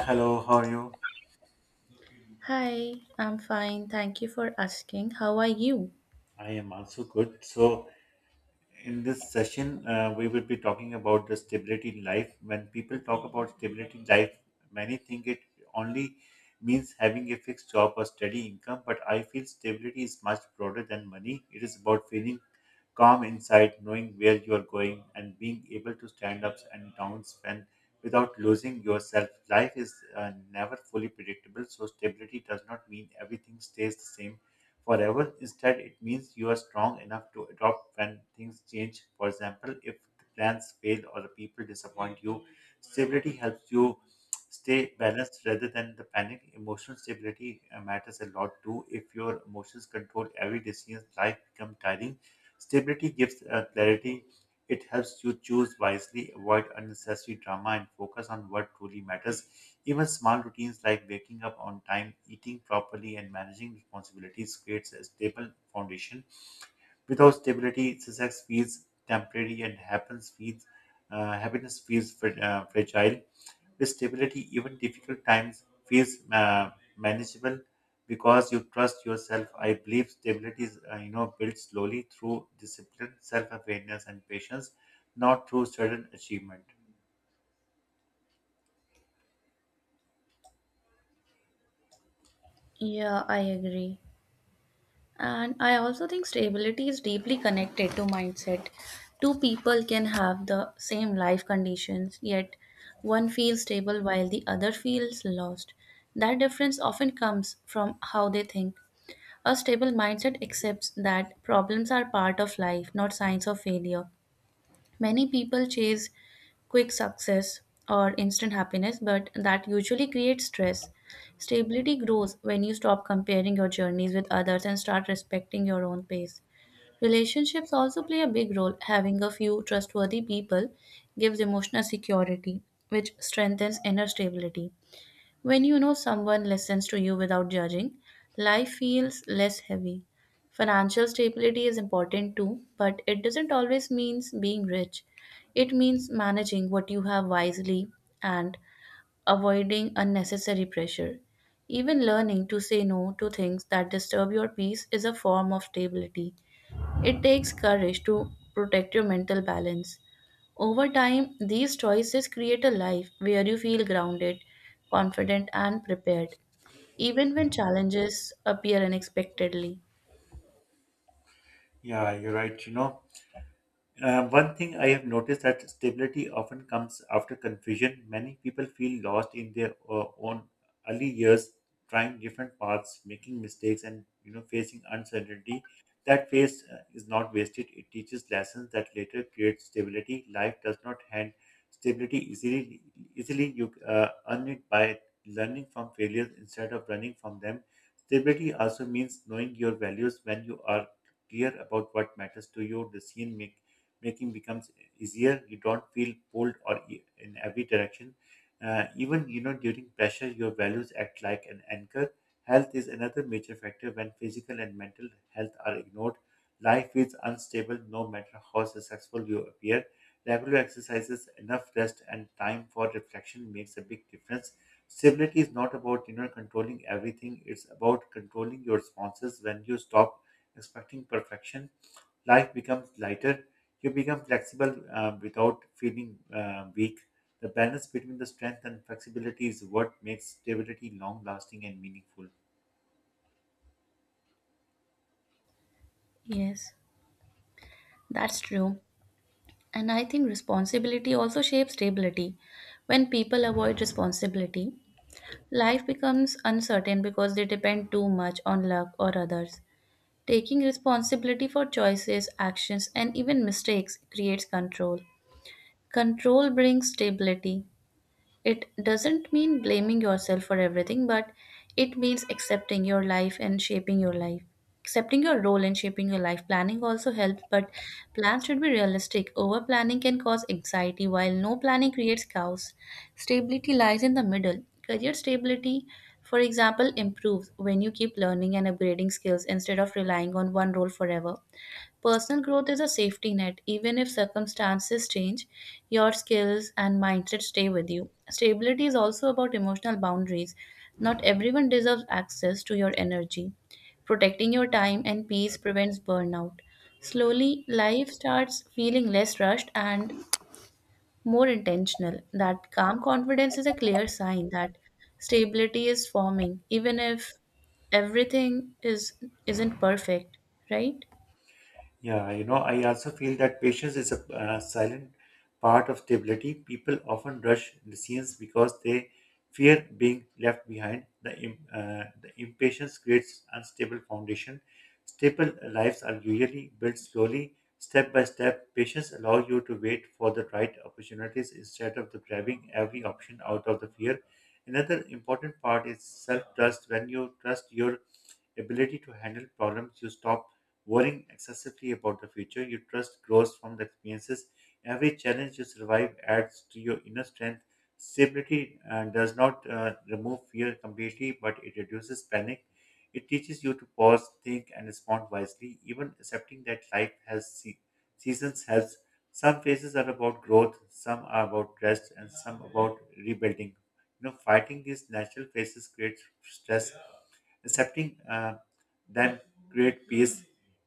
Hello, how are you? Hi, I'm fine. Thank you for asking. How are you? I am also good. So, in this session, we will be talking about the stability in life. When people talk about stability in life, many think it only means having a fixed job or steady income, but I feel stability is much broader than money. It is about feeling calm inside, knowing where you are going, and being able to stand ups and downs when without losing yourself. Life is never fully predictable, so stability does not mean everything stays the same forever. Instead, it means you are strong enough to adapt when things change. For example, if the plans fail or the people disappoint you, stability helps you stay balanced rather than the panic. Emotional stability matters a lot too. If your emotions control every decision, life becomes tiring. Stability gives clarity it helps you choose wisely, avoid unnecessary drama, and focus on what truly matters. Even small routines like waking up on time, eating properly, and managing responsibilities creates a stable foundation. Without stability, success feels temporary and happens feels, happiness feels fragile. With stability, even difficult times feels manageable because you trust yourself. I believe stability is, you know, built slowly through discipline, self-awareness, and patience, not through sudden achievement. Yeah, I agree. And I also think stability is deeply connected to mindset. Two people can have the same life conditions, yet one feels stable while the other feels lost. That difference often comes from how they think. A stable mindset accepts that problems are part of life, not signs of failure. Many people chase quick success or instant happiness, but that usually creates stress. Stability grows when you stop comparing your journeys with others and start respecting your own pace. Relationships also play a big role. Having a few trustworthy people gives emotional security, which strengthens inner stability. When you know someone listens to you without judging, life feels less heavy. Financial stability is important too, but it doesn't always mean being rich. It means managing what you have wisely and avoiding unnecessary pressure. Even learning to say no to things that disturb your peace is a form of stability. It takes courage to protect your mental balance. Over time, these choices create a life where you feel grounded, confident, and prepared, even when challenges appear unexpectedly. Yeah, you're right. You know, one thing I have noticed that stability often comes after confusion. Many people feel lost in their own early years, trying different paths, making mistakes, and you know facing uncertainty. That phase is not wasted. It teaches lessons that later create stability. Life does not hand stability easily. Easily, you earn it by learning from failures instead of running from them. Stability also means knowing your values when you are clear about what matters to you. Decision making becomes easier. You don't feel pulled or e- in every direction. Even you know during pressure, your values act like an anchor. Health is another major factor when physical and mental health are ignored. Life is unstable no matter how successful you appear. Regular exercises, enough rest, and time for reflection makes a big difference. Stability is not about you know controlling everything. It's about controlling your responses. When you stop expecting perfection, life becomes lighter. You become flexible without feeling weak. The balance between the strength and flexibility is what makes stability long lasting and meaningful. Yes, that's true. And I think responsibility also shapes stability. When people avoid responsibility, life becomes uncertain because they depend too much on luck or others. Taking responsibility for choices, actions, and even mistakes creates control. Control brings stability. It doesn't mean blaming yourself for everything, but it means accepting your life and shaping your life. Accepting your role and shaping your life. Planning also helps, but plans should be realistic. Over planning can cause anxiety, while no planning creates chaos. Stability lies in the middle. Career stability, for example, improves when you keep learning and upgrading skills instead of relying on one role forever. Personal growth is a safety net. Even if circumstances change, your skills and mindset stay with you. Stability is also about emotional boundaries. Not everyone deserves access to your energy. Protecting your time and peace prevents burnout. Slowly, life starts feeling less rushed and more intentional. That calm confidence is a clear sign that stability is forming, even if everything is isn't perfect, right? Yeah, you know, I also feel that patience is a silent part of stability. People often rush decisions because they fear being left behind. The impatience creates unstable foundation. Stable lives are usually built slowly, step by step. Patience allows you to wait for the right opportunities instead of the grabbing every option out of the fear. Another important part is self-trust. When you trust your ability to handle problems, you stop worrying excessively about the future. Your trust grows from the experiences. Every challenge you survive adds to your inner strength. Stability does not remove fear completely, but it reduces panic. It teaches you to pause, think, and respond wisely. Even accepting that life has seasons helps. Some phases are about growth, some are about rest, and some about rebuilding. You know, fighting these natural phases creates stress accepting them create peace.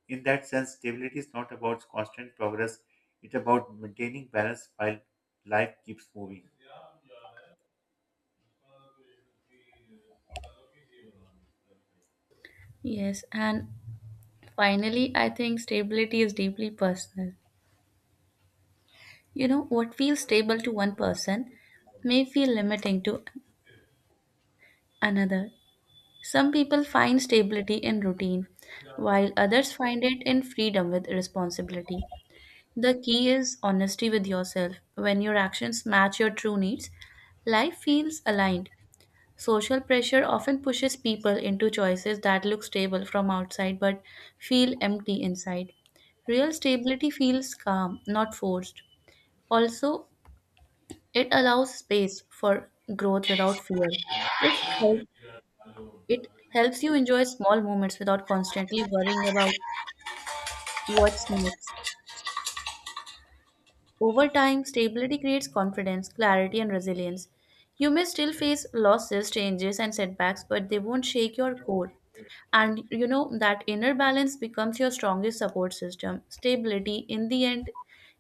In that sense, stability is not about constant progress; it's about maintaining balance while life keeps moving. Yes, and finally, I think stability is deeply personal. You know, what feels stable to one person may feel limiting to another. Some people find stability in routine, while others find it in freedom with responsibility. The key is honesty with yourself. When your actions match your true needs, life feels aligned. Social pressure often pushes people into choices that look stable from outside but feel empty inside. Real stability feels calm, not forced. Also, it allows space for growth without fear. It, help- it helps you enjoy small moments without constantly worrying about what's next. Over time, stability creates confidence, clarity, and resilience. You may still face losses, changes, and setbacks, but they won't shake your core. And you know that inner balance becomes your strongest support system. Stability, in the end,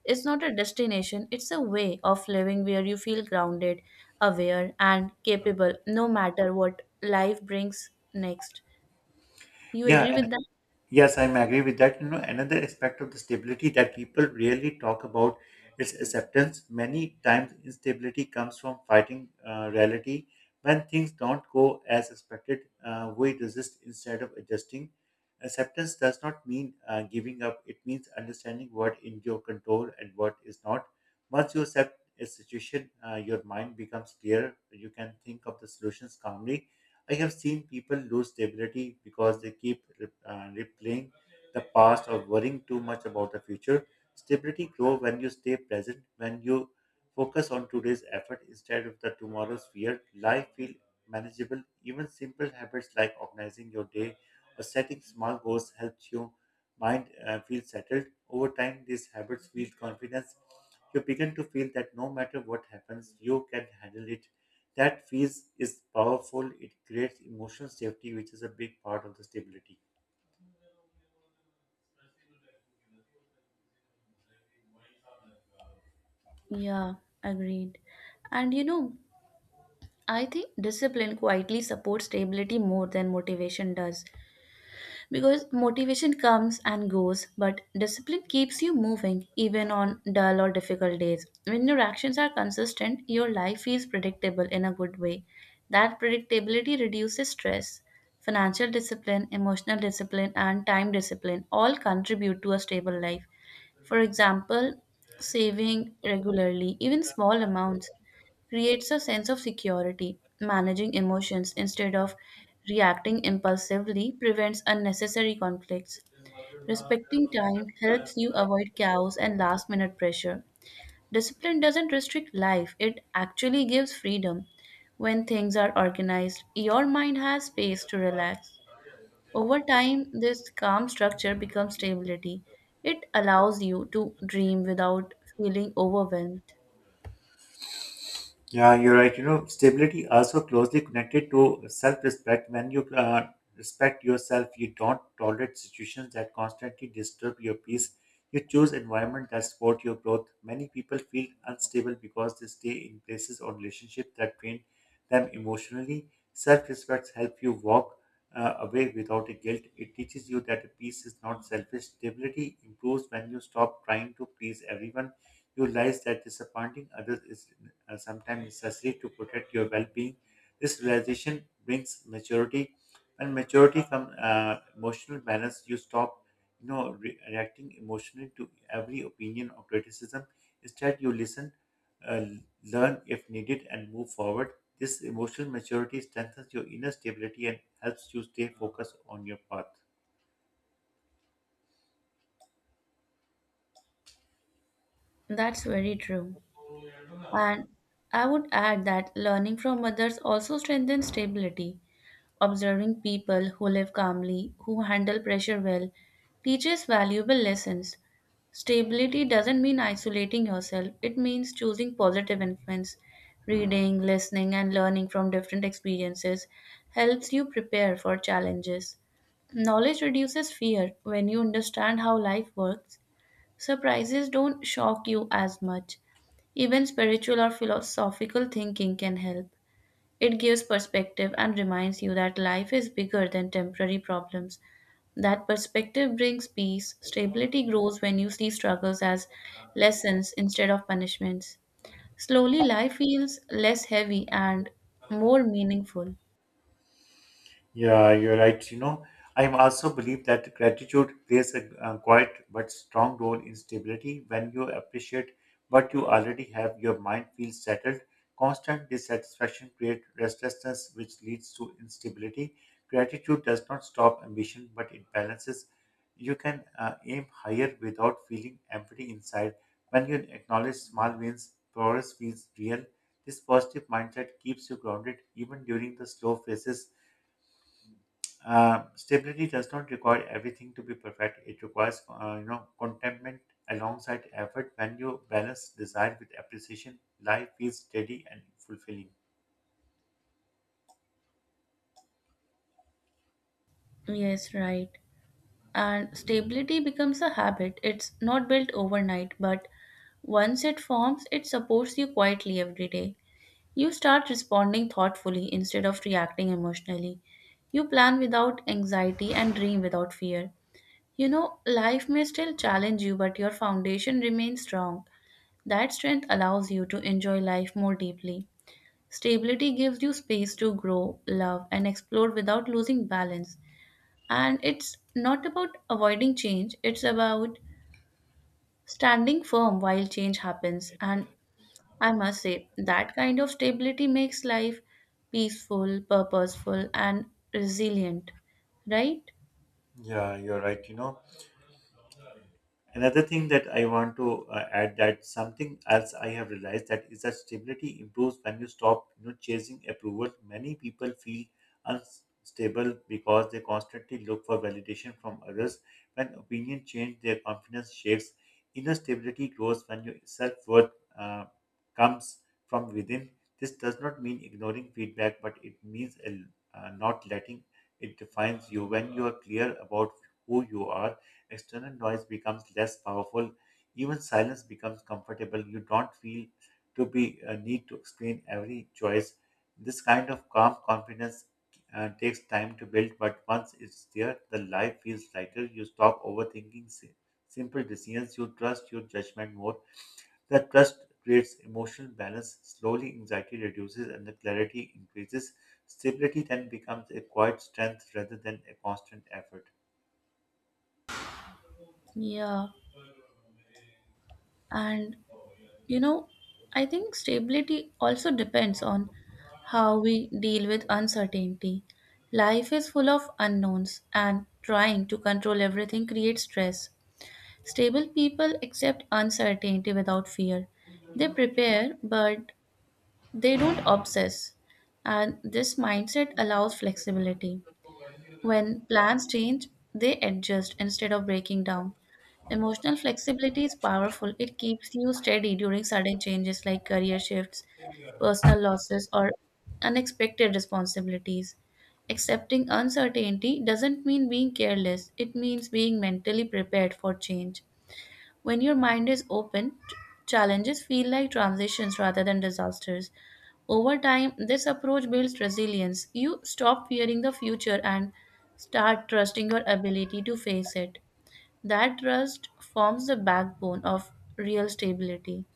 is not a destination, it's a way of living where you feel grounded, aware, and capable no matter what life brings next. You Yeah, agree with that? Yes, I'm agree with that. You know, another aspect of the stability that people really talk about is acceptance. Many times, instability comes from fighting reality. When things don't go as expected, we resist instead of adjusting. Acceptance does not mean giving up. It means understanding what in your control and what is not. Once you accept a situation, your mind becomes clear. You can think of the solutions calmly I have seen people lose stability because they keep replaying the past or worrying too much about the future. Stability grows when you stay present, when you focus on today's effort instead of the tomorrow's fear. Life feels manageable. Even simple habits like organizing your day or setting small goals helps your mind feel settled. Over time, these habits build confidence. You begin to feel that no matter what happens, you can handle it that fees is powerful. It creates emotional safety, which is a big part of the stability. Yeah, agreed. And you know, I think discipline quietly supports stability more than motivation does, because motivation comes and goes, but discipline keeps you moving even on dull or difficult days. When your actions are consistent, your life feels predictable in a good way. That predictability reduces stress. Financial discipline, emotional discipline, and time discipline all contribute to a stable life. For example, saving regularly, even small amounts, creates a sense of security. Managing emotions instead of reacting impulsively prevents unnecessary conflicts. Respecting time helps you avoid chaos and last minute pressure. Discipline doesn't restrict life, it actually gives freedom. When things are organized, your mind has space to relax. Over time, this calm structure becomes stability. It allows you to dream without feeling overwhelmed. Yeah, you're right. You know, stability also closely connected to self-respect. When you respect yourself, you don't tolerate situations that constantly disturb your peace. You choose environment that support your growth. Many people feel unstable because they stay in places or relationships that drain them emotionally. Self-respect helps you walk away without a guilt. It teaches you that a peace is not selfish. Stability improves when you stop trying to please everyone. You realize that disappointing others is sometimes necessary to protect your well-being. This realization brings maturity. When maturity comes, emotional balance, you stop, you know, reacting emotionally to every opinion or criticism. Instead, you listen, uh, learn if needed, and move forward. This emotional maturity strengthens your inner stability and helps you stay focused on your path. That's very true. And I would add that learning from others also strengthens stability. Observing people who live calmly, who handle pressure well, teaches valuable lessons. Stability doesn't mean isolating yourself, it means choosing positive influence. Reading, listening, and learning from different experiences helps you prepare for challenges. Knowledge reduces fear when you understand how life works. Surprises don't shock you as much. Even spiritual or philosophical thinking can help. It gives perspective and reminds you that life is bigger than temporary problems. That perspective brings peace. Stability grows when you see struggles as lessons instead of punishments. Slowly, life feels less heavy and more meaningful. Yeah, you're right. You know, I also believe that gratitude plays a, quiet but strong role in stability. When you appreciate what you already have, your mind feels settled. Constant dissatisfaction creates restlessness, which leads to instability. Gratitude does not stop ambition, but it balances. You can aim higher without feeling empty inside. When you acknowledge small wins, progress feels real. This positive mindset keeps you grounded even during the slow phases stability does not require everything to be perfect. It requires, you know, contentment alongside effort. When you balance desire with appreciation, life feels steady and fulfilling. Yes, right. And stability becomes a habit. It's not built overnight, but once it forms, it supports you quietly every day. You start responding thoughtfully instead of reacting emotionally. You plan without anxiety and dream without fear. You know, life may still challenge you, but your foundation remains strong. That strength allows you to enjoy life more deeply. Stability gives you space to grow, love, and explore without losing balance. And it's not about avoiding change, it's about standing firm while change happens, and I must say, that kind of stability makes life peaceful, purposeful, and resilient, right? Yeah, you're right. You know, another thing that I want to add that something else I have realized that is that stability improves when you stop you know chasing approval. Many people feel unstable because they constantly look for validation from others. When opinion change, their confidence shakes. Inner stability grows when your self worth uh, comes from within. This does not mean ignoring feedback, but it means not letting it defines you. When you are clear about who you are external noise becomes less powerful. Even silence becomes comfortable. You don't feel to be a need to explain every choice. This kind of calm confidence takes time to build, but once it's there, the life feels lighter. You stop overthinking simple decisions. You trust your judgment more. That trust creates emotional balance. Slowly, anxiety reduces and the clarity increases. Stability then becomes a quiet strength rather than a constant effort. Yeah. And you know, I think stability also depends on how we deal with uncertainty. Life is full of unknowns, and trying to control everything creates stress. Stable people accept uncertainty without fear. They prepare, but they don't obsess, and this mindset allows flexibility. When plans change, they adjust instead of breaking down. Emotional flexibility is powerful. It keeps you steady during sudden changes like career shifts, personal losses, or unexpected responsibilities. Accepting uncertainty doesn't mean being careless, it means being mentally prepared for change. When your mind is open, challenges feel like transitions rather than disasters. Over time, this approach builds resilience. You stop fearing the future and start trusting your ability to face it. That trust forms the backbone of real stability.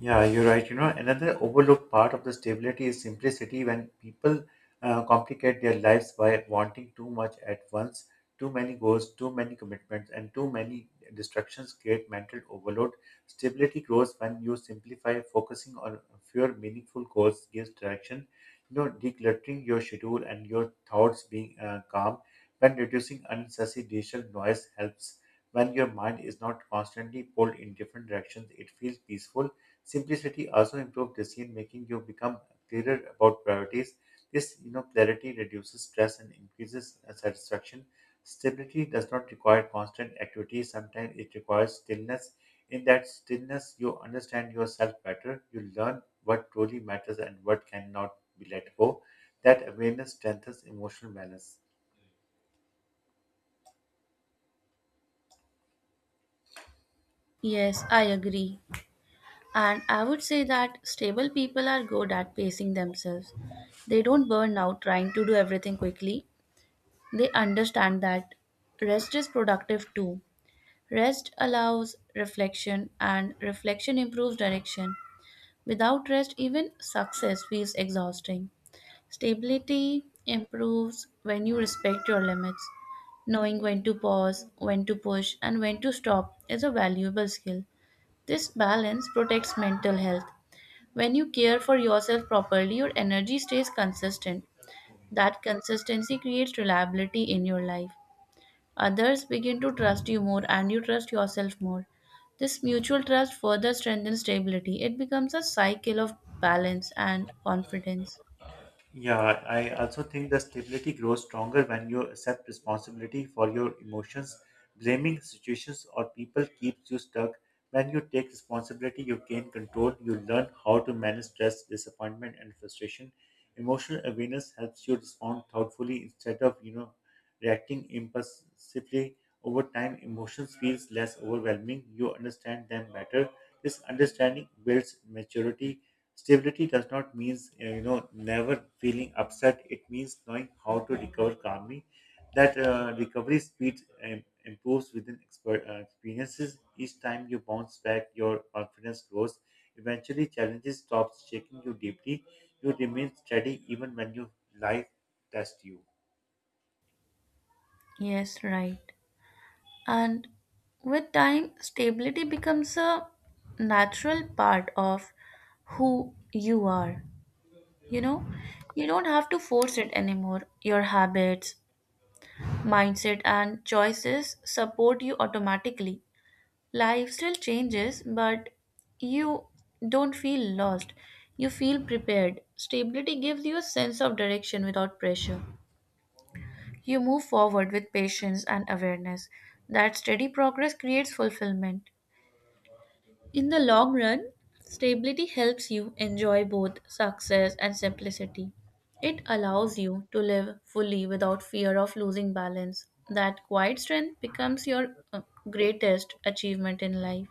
Yeah, you're right. You know, another overlooked part of the stability is simplicity when people complicate their lives by wanting too much at once. Too many goals, too many commitments, and too many distractions create mental overload. Stability grows when you simplify, focusing on fewer meaningful goals gives direction. You know, decluttering your schedule and your thoughts being calm when reducing unnecessary digital noise helps. When your mind is not constantly pulled in different directions, it feels peaceful Simplicity also improves decision making. You become clearer about priorities. This, you know, clarity reduces stress and increases satisfaction. Stability does not require constant activity. Sometimes it requires stillness. In that stillness, you understand yourself better. You learn what truly matters and what cannot be let go. That awareness strengthens emotional balance. Yes, I agree. And I would say that stable people are good at pacing themselves. They don't burn out trying to do everything quickly. They understand that rest is productive too. Rest allows reflection, and reflection improves direction. Without rest, even success feels exhausting. Stability improves when you respect your limits. Knowing when to pause, when to push, and when to stop is a valuable skill. This balance protects mental health. When you care for yourself properly, your energy stays consistent. That consistency creates reliability in your life. Others begin to trust you more and you trust yourself more. This mutual trust further strengthens stability. It becomes a cycle of balance and confidence. Yeah, I also think the stability grows stronger when you accept responsibility for your emotions. Blaming situations or people keeps you stuck. When you take responsibility, you gain control. You learn how to manage stress, disappointment, and frustration. Emotional awareness helps you respond thoughtfully instead of you know reacting impulsively. Over time, emotions feels less overwhelming. You understand them better. This understanding builds maturity. Stability does not mean you know never feeling upset. It means knowing how to recover calmly. That recovery speed improves within experiences. Each time you bounce back, your confidence grows. Eventually, challenges stops shaking you deeply. You remain steady even when your life tests you. Yes, right. And with time, stability becomes a natural part of who you are. You know, you don't have to force it anymore. Your habits, mindset, and choices support you automatically. Life still changes, but you don't feel lost. You feel prepared. Stability gives you a sense of direction without pressure. You move forward with patience and awareness. That steady progress creates fulfillment. In the long run, stability helps you enjoy both success and simplicity. It allows you to live fully without fear of losing balance. That quiet strength becomes your greatest achievement in life.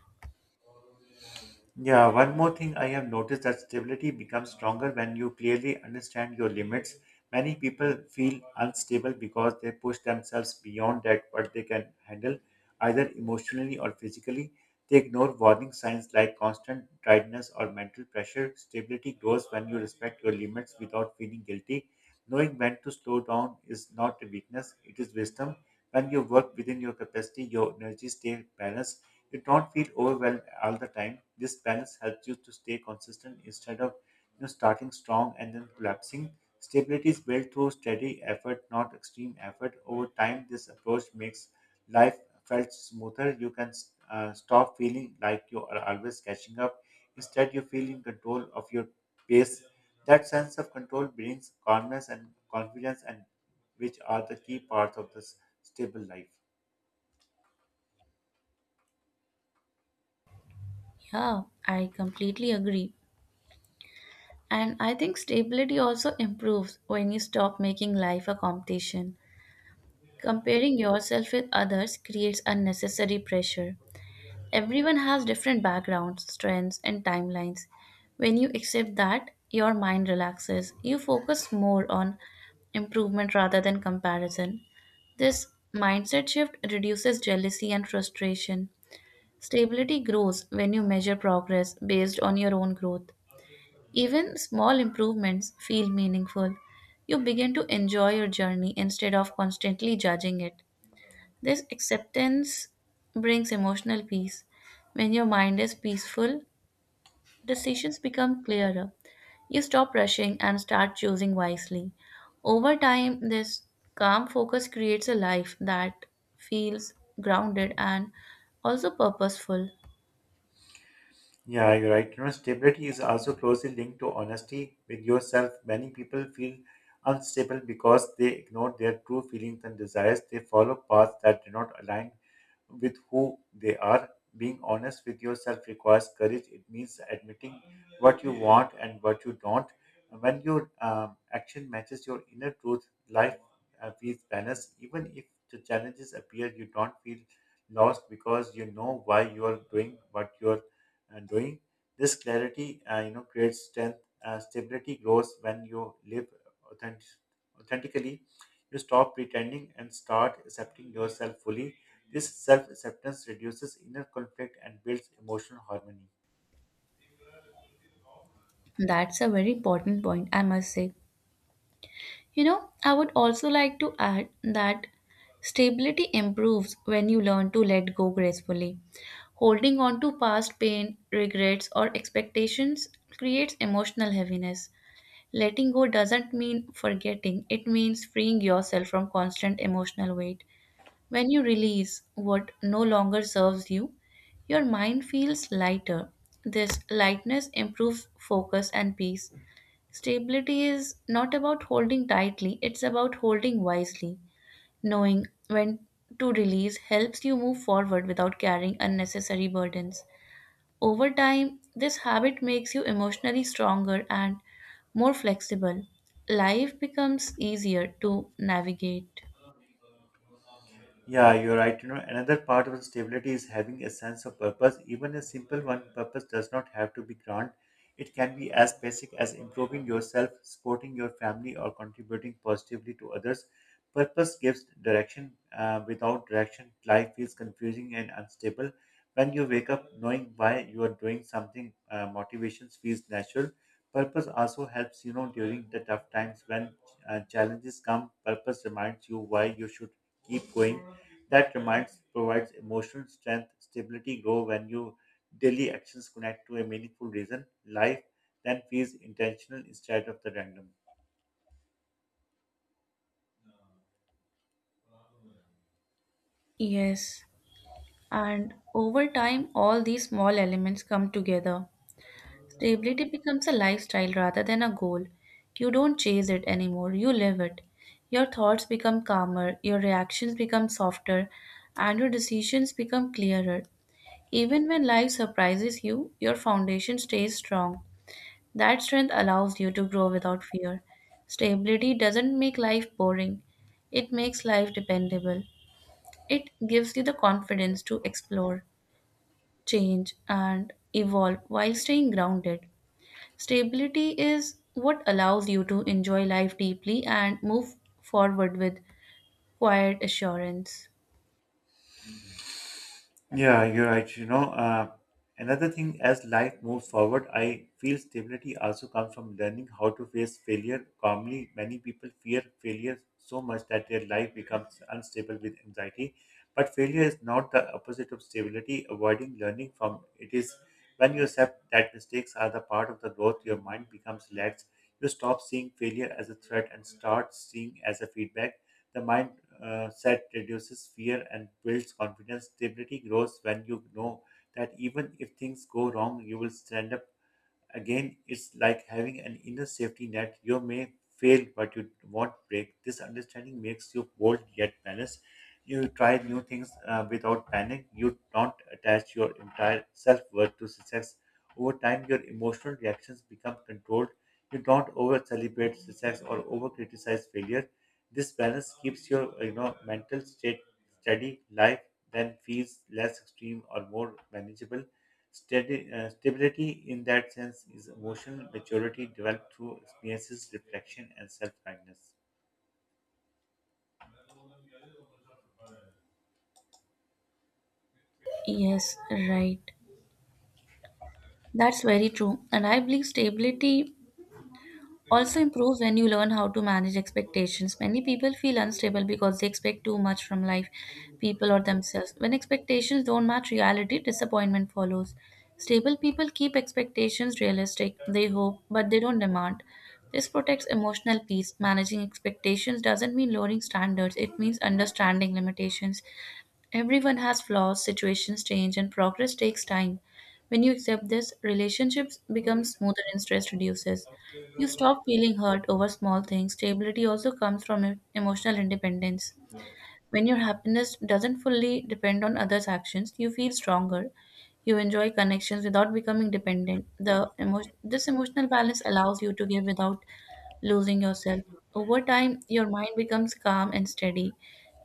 Yeah, one more thing I have noticed that stability becomes stronger when you clearly understand your limits. Many people feel unstable because they push themselves beyond that what they can handle, either emotionally or physically. They ignore warning signs like constant tiredness or mental pressure. Stability grows when you respect your limits without feeling guilty. Knowing when to slow down is not a weakness, it is wisdom. When you work within your capacity, your energy stays balanced you don't feel overwhelmed all the time. This balance helps you to stay consistent instead of you know, starting strong and then collapsing. Stability is built through steady effort, not extreme effort. Over time, this approach makes life felt smoother. You can stop feeling like you are always catching up. Instead, you feel in control of your pace. That sense of control brings calmness and confidence, and which are the key parts of this stable life. Yeah, I completely agree. And I think stability also improves when you stop making life a competition. Comparing yourself with others creates unnecessary pressure. Everyone has different backgrounds, strengths, and timelines. When you accept that, your mind relaxes. You focus more on improvement rather than comparison. This mindset shift reduces jealousy and frustration. Stability grows when you measure progress based on your own growth. Even small improvements feel meaningful. You begin to enjoy your journey instead of constantly judging it. This acceptance brings emotional peace. When your mind is peaceful, decisions become clearer. You stop rushing and start choosing wisely. Over time, this calm focus creates a life that feels grounded and also purposeful. Yeah, you're right. You know, stability is also closely linked to honesty with yourself. Many people feel unstable because they ignore their true feelings and desires. They follow paths that do not align with who they are. Being honest with yourself requires courage. It means admitting what you want and what you don't. When your action matches your inner truth, life feels balanced. Even if the challenges appear, you don't feel lost because you know why you are doing what you are doing. This clarity, creates strength. Stability grows when you live authentic- authentically. You stop pretending and start accepting yourself fully. This self-acceptance reduces inner conflict and builds emotional harmony. That's a very important point, I must say. You know, I would also like to add that stability improves when you learn to let go gracefully. Holding on to past pain, regrets, or expectations creates emotional heaviness. Letting go doesn't mean forgetting, it means freeing yourself from constant emotional weight. When you release what no longer serves you, your mind feels lighter. This lightness improves focus and peace. Stability is not about holding tightly, it's about holding wisely. Knowing when to release helps you move forward without carrying unnecessary burdens. Over time, this habit makes you emotionally stronger and more flexible. Life becomes easier to navigate. Yeah, you're right. You know, another part of stability is having a sense of purpose. Even a simple one, purpose does not have to be grand. It can be as basic as improving yourself, supporting your family, or contributing positively to others. Purpose gives direction. Without direction, life feels confusing and unstable. When you wake up knowing why you are doing something, motivation feels natural. Purpose also helps, you know, during the tough times when challenges come. Purpose reminds you why you should keep going. That reminds provides emotional strength. Stability grow when your daily actions connect to a meaningful reason. Life then feels intentional instead of the random. Yes, and over time, all these small elements come together. Stability becomes a lifestyle rather than a goal. You don't chase it anymore, you live it. Your thoughts become calmer, your reactions become softer, and your decisions become clearer. Even when life surprises you, your foundation stays strong. That strength allows you to grow without fear. Stability doesn't make life boring, it makes life dependable. It gives you the confidence to explore, change, and evolve while staying grounded. Stability is what allows you to enjoy life deeply and move forward with quiet assurance. Yeah, you're right. Another thing, as life moves forward, I feel stability also comes from learning how to face failure calmly. Many people fear failure so much that their life becomes unstable with anxiety. But failure is not the opposite of stability. Avoiding learning from it is when you accept that mistakes are the part of the growth, your mind becomes relaxed. You stop seeing failure as a threat and start seeing as a feedback the mind set reduces fear and builds confidence. Stability grows when you know that even if things go wrong, you will stand up again. It's like having an inner safety net. You may fail, but you won't break. This understanding makes you bold yet balanced. You try new things without panic. You don't attach your entire self worth to success. Over time, your emotional reactions become controlled. You don't over celebrate success or over criticize failure. This balance keeps your, you know, mental state steady. Life then feels less extreme or more manageable. Steady, stability in that sense is emotional maturity developed through experiences, reflection, and self-kindness. Yes, right. That's very true. And I believe stability also improves when you learn how to manage expectations. Many people feel unstable because they expect too much from life, people, or themselves. When expectations don't match reality, disappointment follows. Stable people keep expectations realistic, they hope, but they don't demand. This protects emotional peace. Managing expectations doesn't mean lowering standards, it means understanding limitations. Everyone has flaws, situations change, and progress takes time. When you accept this, relationships become smoother and stress reduces. You stop feeling hurt over small things. Stability also comes from emotional independence. When your happiness doesn't fully depend on others' actions, you feel stronger. You enjoy connections without becoming dependent. This emotional balance allows you to give without losing yourself. Over time, your mind becomes calm and steady.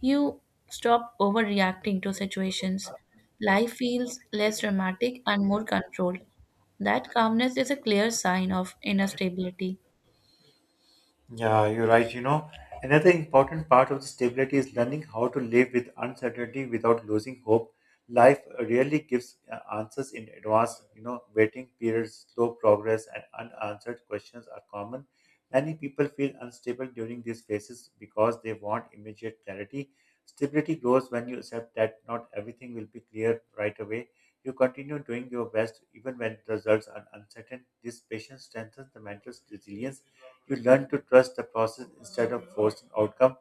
You stop overreacting to situations. Life feels less dramatic and more controlled. That calmness is a clear sign of inner stability. Yeah, you're right. You know, another important part of the stability is learning how to live with uncertainty without losing hope. Life rarely gives answers in advance. You know, waiting periods, slow progress, and unanswered questions are common. Many people feel unstable during these phases because they want immediate clarity. Stability grows when you accept that not everything will be clear right away. You continue doing your best even when results are uncertain. This patience strengthens the mental resilience. You learn to trust the process instead of forcing outcome.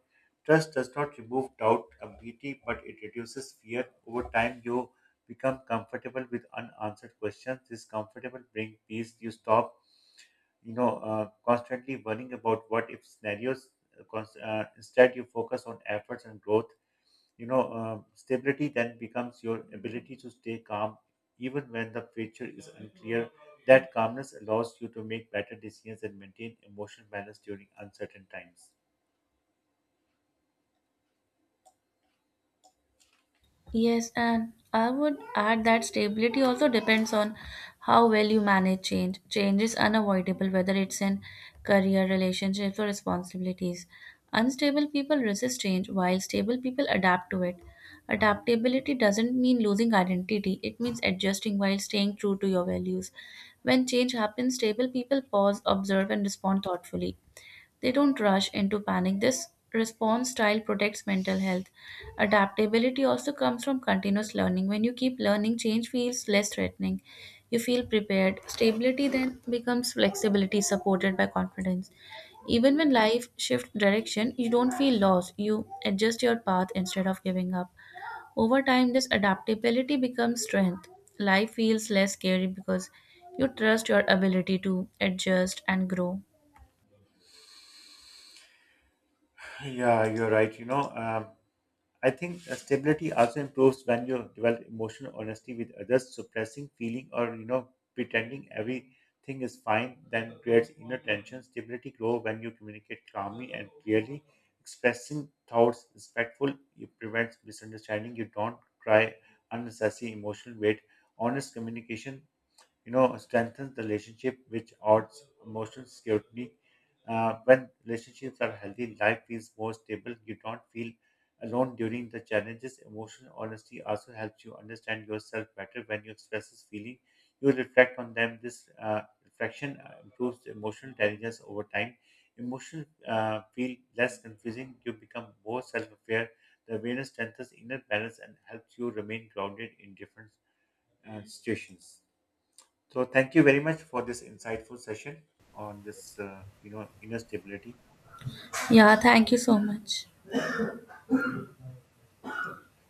Trust does not remove doubt completely, but it reduces fear. Over time, you become comfortable with unanswered questions. This comfortable brings peace. You stop, constantly worrying about what if scenarios. Instead, you focus on efforts and growth. Stability then becomes your ability to stay calm even when the future is unclear. That calmness allows you to make better decisions and maintain emotional balance during uncertain times. Yes, and I would add that stability also depends on how well you manage change. Change is unavoidable, whether it's in career, relationships, or responsibilities. Unstable people resist change, while stable people adapt to it. Adaptability doesn't mean losing identity, it means adjusting while staying true to your values. When change happens, stable people pause, observe, and respond thoughtfully. They don't rush into panic. This response style protects mental health. Adaptability also comes from continuous learning. When you keep learning, change feels less threatening. You feel prepared. Stability then becomes flexibility supported by confidence. Even when life shifts direction, you don't feel lost. You adjust your path instead of giving up. Over time, this adaptability becomes strength. Life feels less scary because you trust your ability to adjust and grow. Yeah, you're right. I think stability also improves when you develop emotional honesty with others. Suppressing feeling or, you know, pretending everything is fine then creates inner tension. Stability grows when you communicate calmly and clearly. Expressing thoughts respectful it prevents misunderstanding. You don't cry unnecessary emotional weight. Honest communication, you know, strengthens the relationship which adds emotional security. When relationships are healthy, life feels more stable. You don't feel alone during the challenges. Emotional honesty also helps you understand yourself better. When you express this feeling, you reflect on them. This reflection improves emotional intelligence over time. Emotions feel less confusing. You become more self-aware. The awareness strengthens inner balance and helps you remain grounded in different situations. So thank you very much for this insightful session on this, inner stability. Yeah, thank you so much.